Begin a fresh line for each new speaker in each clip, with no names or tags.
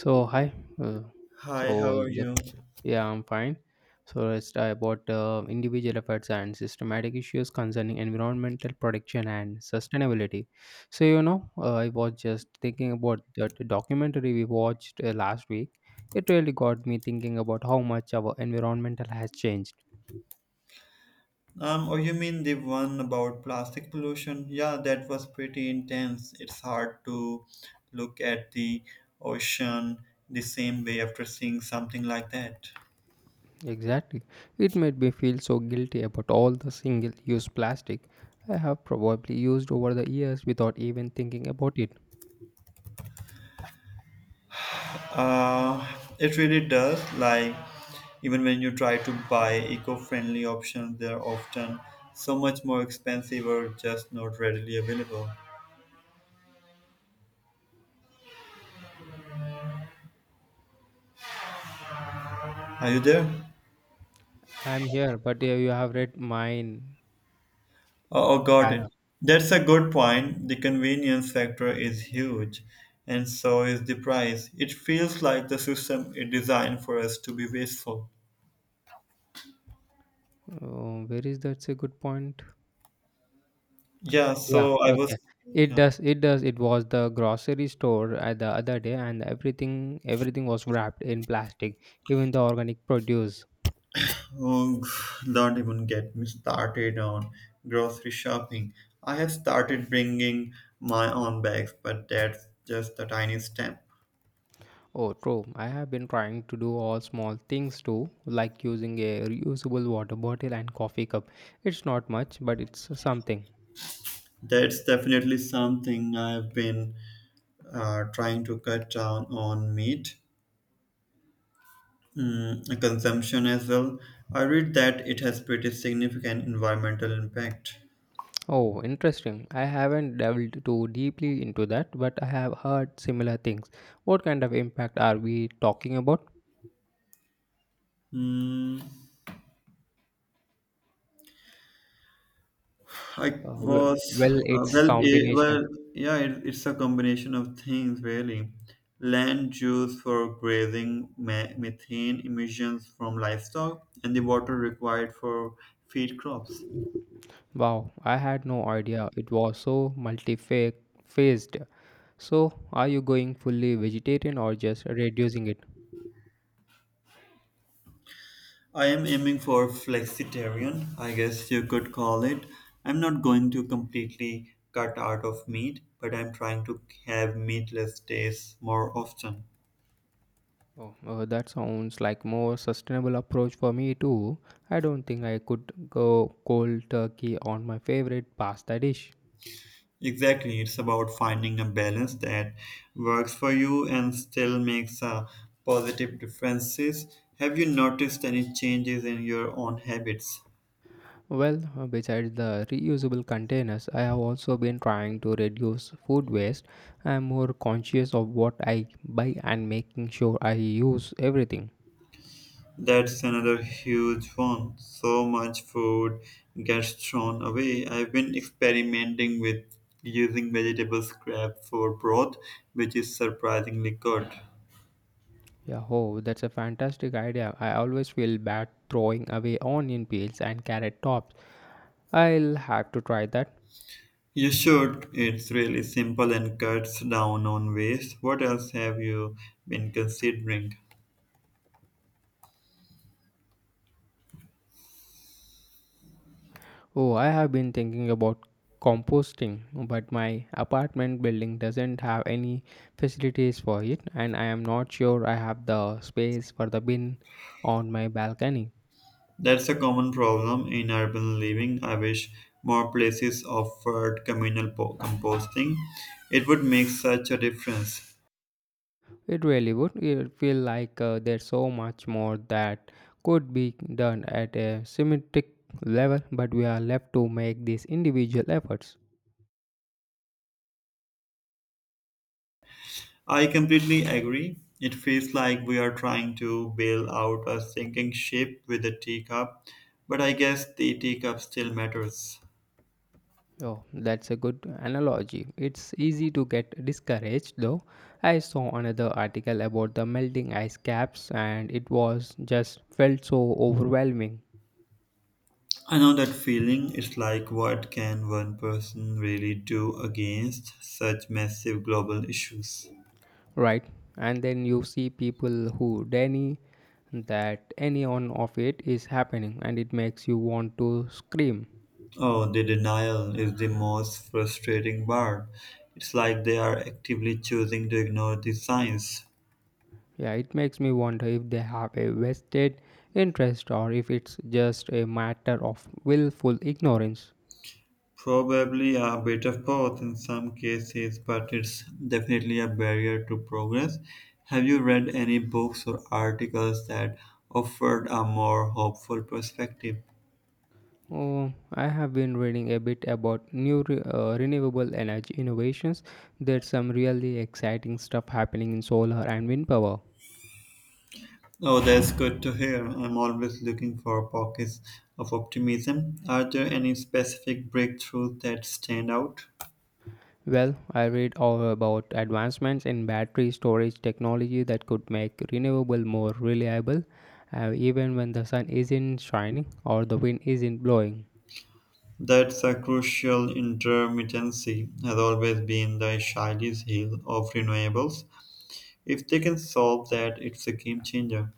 So hi, uh,
Hi, how
so
are
the,
you?
yeah, I'm fine. So let's talk about individual efforts and systematic issues concerning environmental protection and sustainability. I was just thinking about that documentary we watched last week. It really got me thinking about how much our environmental has changed.
Oh, you mean the one about plastic pollution? Yeah, that was pretty intense. It's hard to look at the ocean the same way after seeing something like that.
Exactly. It made me feel so guilty about all the single use plastic I have probably used over the years without even thinking about it.
Uh, it really does. Like, even when you try to buy eco friendly options, they're often so much more expensive or just not readily available. Are you there?
I'm here, but yeah, you have read mine.
Oh, oh, got it.
Para.
That's a good point. The convenience factor is huge, and so is the price. It feels like the system is designed for us to be wasteful.
Oh, where is that's a good point.
Yeah,
Yeah,
so I
okay.
was.
It
Yeah.
does. It does. It was the grocery store at the other day, and everything was wrapped in plastic, even the organic produce.
Oh, don't even get me started on grocery shopping. I have started bringing my own bags, but that's just a tiny step.
Oh, true. I have been trying to do all small things too, like using a reusable water bottle and coffee cup. It's not much, but it's something.
That's definitely something I've been trying to cut down on meat. Mm, consumption as well. I read that it has pretty significant environmental impact.
Oh, interesting. I haven't delved too deeply into that, but I have heard similar things. What kind of impact are we talking about?
Mm, I
Uh, w-
was
well, it's
well, eh,
combination.
well, Yeah. It's a combination of things, really. Land use for grazing, methane emissions from livestock, and the water required for feed crops.
Wow, I had no idea it was so multi-phased. So, are you going fully vegetarian or just reducing it?
I am aiming for flexitarian, I guess you could call it. I'm not going to completely cut out of meat, but I'm trying to have meatless days more often.
Oh, that sounds like more sustainable approach for me too. I don't think I could go cold turkey on my favorite pasta dish.
Exactly, it's about finding a balance that works for you and still makes a positive differences. Have you noticed any changes in your own habits?
Well, besides the reusable containers, I have also been trying to reduce food waste. I am more conscious of what I buy and making sure I use everything.
That's another huge one. So much food gets thrown away. I've been experimenting with using vegetable scraps for broth, which is surprisingly good.
Yeah, oh, that's a fantastic idea. I always feel bad throwing away onion peels and carrot tops. I'll have to try that.
You should. It's really simple and cuts down on waste. What else have you been considering?
Oh, I have been thinking about composting, but my apartment building doesn't have any facilities for it, and I am not sure I have the space for the bin on my balcony.
That's a common problem in urban living. I wish more places offered communal composting. It would make such a difference.
It really would. It feel like there's so much more that could be done at a symmetric level, but we are left to make these individual efforts.
I completely agree. It feels like we are trying to bail out a sinking ship with a teacup, but I guess the teacup still matters.
Oh, that's a good analogy. It's easy to get discouraged though. I saw another article about the melting ice caps and it was just felt so overwhelming,
I know that feeling. It's like what can one person really do against such massive global issues?
right? And then you see people who deny that any one of it is happening and it makes you want to scream.
Oh, the denial is the most frustrating part. It's like they are actively choosing to ignore the science.
Yeah, it makes me wonder if they have a vested interest or if it's just a matter of willful ignorance.
Probably a bit of both in some cases, but it's definitely a barrier to progress. Have you read any books or articles that offered a more hopeful perspective?
Oh, I have been reading a bit about renewable energy innovations. There's some really exciting stuff happening in solar and wind power.
Oh, that's good to hear. I'm always looking for pockets of optimism. Are there any specific breakthroughs that stand out?
Well, I read all about advancements in battery storage technology that could make renewable more reliable, even when the sun isn't shining or the wind isn't blowing.
That's a crucial intermittency has always been the Achilles heel of renewables. If they can solve that, it's a game changer.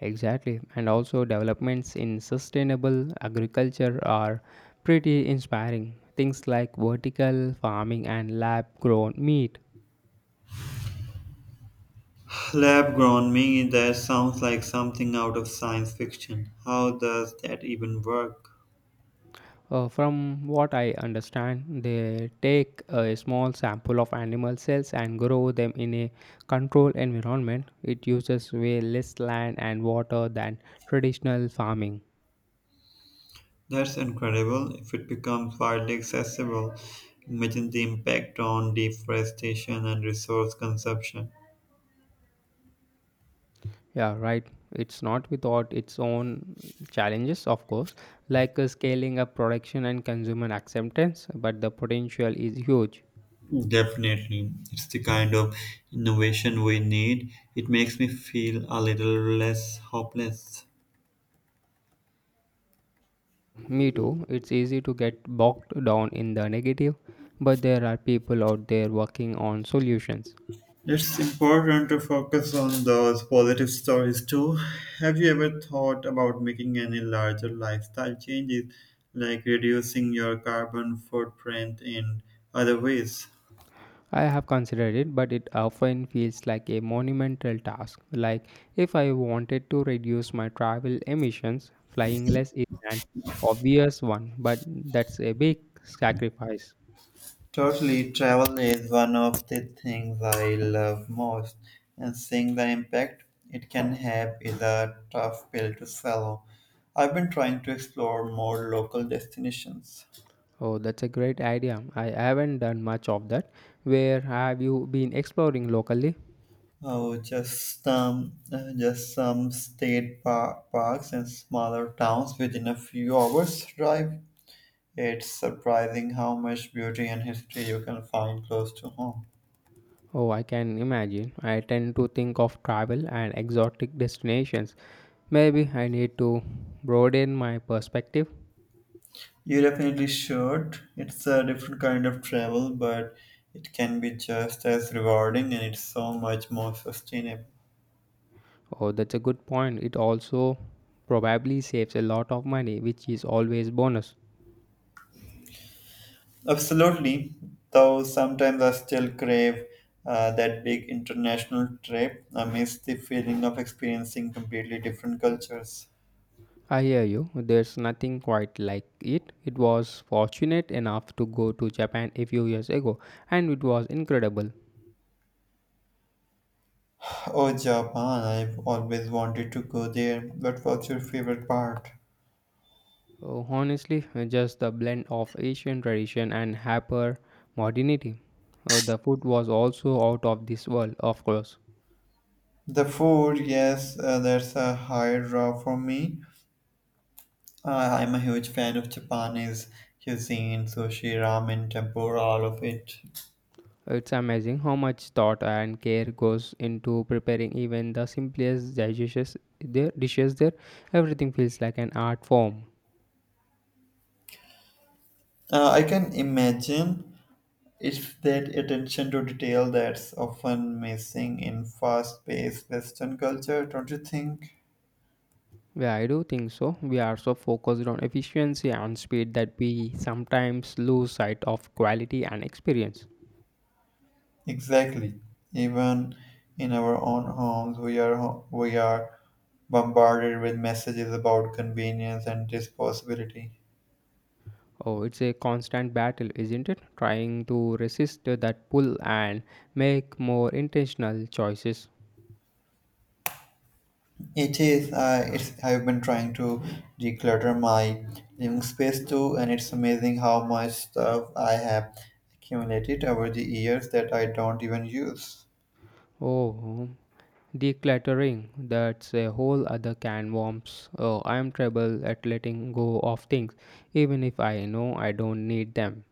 Exactly, and also developments in sustainable agriculture are pretty inspiring. Things like vertical farming and lab grown meat.
Lab-grown me, that sounds like something out of science fiction. How does that even work?
From what I understand, they take a small sample of animal cells and grow them in a controlled environment. It uses way less land and water than traditional farming.
That's incredible. If it becomes widely accessible, imagine the impact on deforestation and resource consumption.
Yeah, right. It's not without its own challenges, of course, like scaling up production and consumer acceptance, but the potential is huge.
Definitely. It's the kind of innovation we need. It makes me feel a little less hopeless.
Me too, it's easy to get bogged down in the negative, but there are people out there working on solutions.
It's important to focus on those positive stories too. Have you ever thought about making any larger lifestyle changes, like reducing your carbon footprint in other ways?
I have considered it, but it often feels like a monumental task. Like if I wanted to reduce my travel emissions, flying less is an obvious one, but that's a big sacrifice.
Totally, travel is one of the things I love most, and seeing the impact it can have is a tough pill to swallow. I've been trying to explore more local destinations.
Oh, that's a great idea. I haven't done much of that. Where have you been exploring locally?
Oh, just some state parks and smaller towns within a few hours drive. It's surprising how much beauty and history you can find close to home.
Oh, I can imagine. I tend to think of travel and exotic destinations. Maybe I need to broaden my perspective.
You definitely should. It's a different kind of travel, but it can be just as rewarding and it's so much more sustainable.
Oh, that's a good point. It also probably saves a lot of money, which is always bonus.
Absolutely, though sometimes I still crave that big international trip. I miss the feeling of experiencing completely different cultures.
I hear you. There's nothing quite like it. It was fortunate enough to go to Japan a few years ago, and it was incredible.
Oh, Japan, I've always wanted to go there. But what's your favorite part?
Oh, honestly, just the blend of Asian tradition and hyper modernity. Oh, the food was also out of this world, of course.
The food, yes, that's a high draw for me. I'm a huge fan of Japanese cuisine, sushi, ramen, tempura, all of it.
It's amazing how much thought and care goes into preparing even the simplest dishes. Their dishes there, everything feels like an art form.
I can imagine. It's that attention to detail that's often missing in fast paced Western culture, don't you think?
Yeah, I do think so. We are so focused on efficiency and speed that we sometimes lose sight of quality and experience.
Exactly. Even in our own homes, we are bombarded with messages about convenience and disposability.
Oh, it's a constant battle, isn't it? Trying to resist that pull and make more intentional choices.
It is. It's. I've been trying to declutter my living space too, and it's amazing how much stuff I have accumulated over the years that I don't even use.
Oh, decluttering, that's a whole other can worms. Oh, I'm trouble at letting go of things, even if I know I don't need them.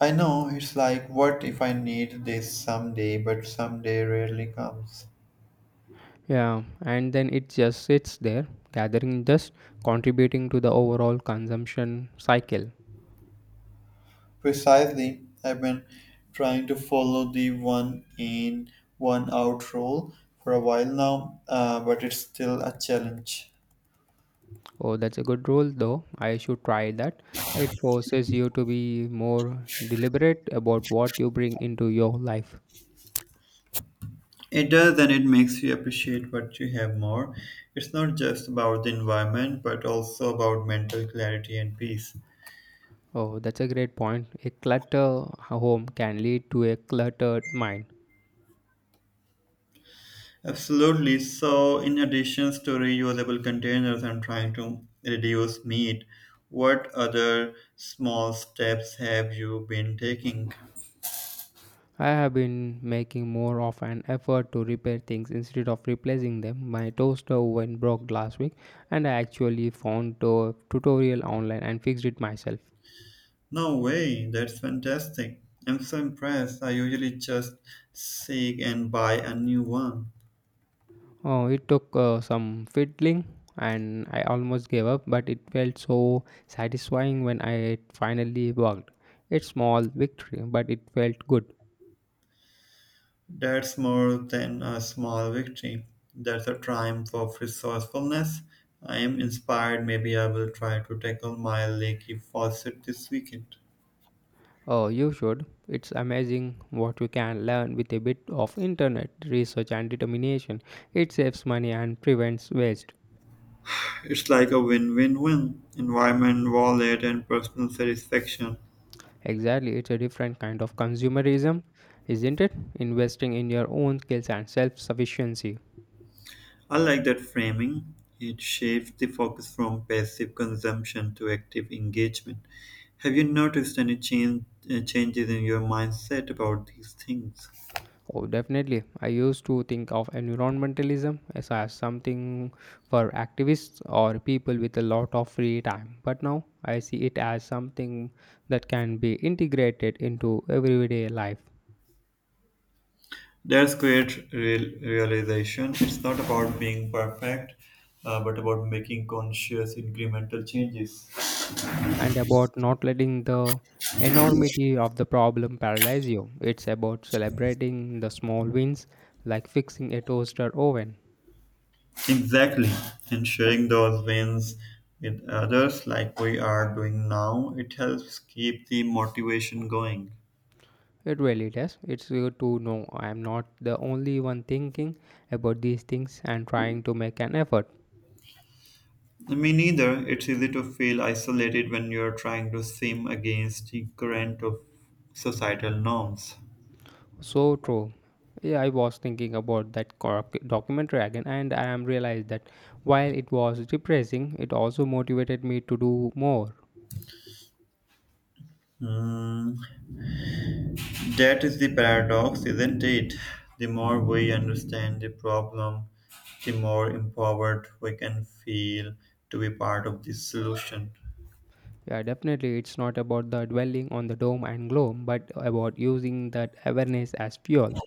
I know it's like, what if I need this someday, but someday rarely comes.
Yeah, and then it just sits there, gathering dust, contributing to the overall consumption cycle.
Precisely, I've been trying to follow the one in, one out rule for a while now, but it's still a challenge.
Oh, that's a good rule, though. I should try that. It forces you to be more deliberate about what you bring into your life.
It does, and it makes you appreciate what you have more. It's not just about the environment, but also about mental clarity and peace.
Oh, that's a great point. A cluttered home can lead to a cluttered mind.
Absolutely. So, in addition to reusable containers and trying to reduce meat, what other small steps have you been taking?
I have been making more of an effort to repair things instead of replacing them. My toaster oven broke last week, and I actually found a tutorial online and fixed it myself.
No way, that's fantastic. I'm so impressed. I usually just seek and buy a new one.
Oh, it took some fiddling and I almost gave up, but it felt so satisfying when I it finally worked. It's small victory, but it felt good.
That's more than a small victory. That's a triumph of resourcefulness. I am inspired. Maybe I will try to tackle my leaky faucet this weekend.
Oh, you should. It's amazing what you can learn with a bit of internet research and determination. It saves money and prevents waste.
It's like a win win win environment, wallet, and personal satisfaction.
Exactly, it's a different kind of consumerism, isn't it? Investing in your own skills and self sufficiency.
I like that framing. It shifts the focus from passive consumption to active engagement. Have you noticed any changes in your mindset about these things?
Oh, definitely. I used to think of environmentalism as something for activists or people with a lot of free time. But now I see it as something that can be integrated into everyday life
That's great realization. It's not about being perfect, but about making conscious incremental changes.
and about not letting the enormity of the problem paralyze you. It's about celebrating the small wins, like fixing a toaster oven.
Exactly. And sharing those wins with others, like we are doing now, it helps keep the motivation going.
It really does. It's good to know I'm not the only one thinking about these things and trying to make an effort.
Me neither. It's easy to feel isolated when you're trying to swim against the current of societal norms.
So true. Yeah, I was thinking about that documentary again, and I am realized that while it was depressing, it also motivated me to do more.
Mm, that is the paradox, isn't it? The more we understand the problem, the more empowered we can feel to be part of the solution.
Yeah, definitely, it's not about the dwelling on the doom and gloom, but about using that awareness as fuel.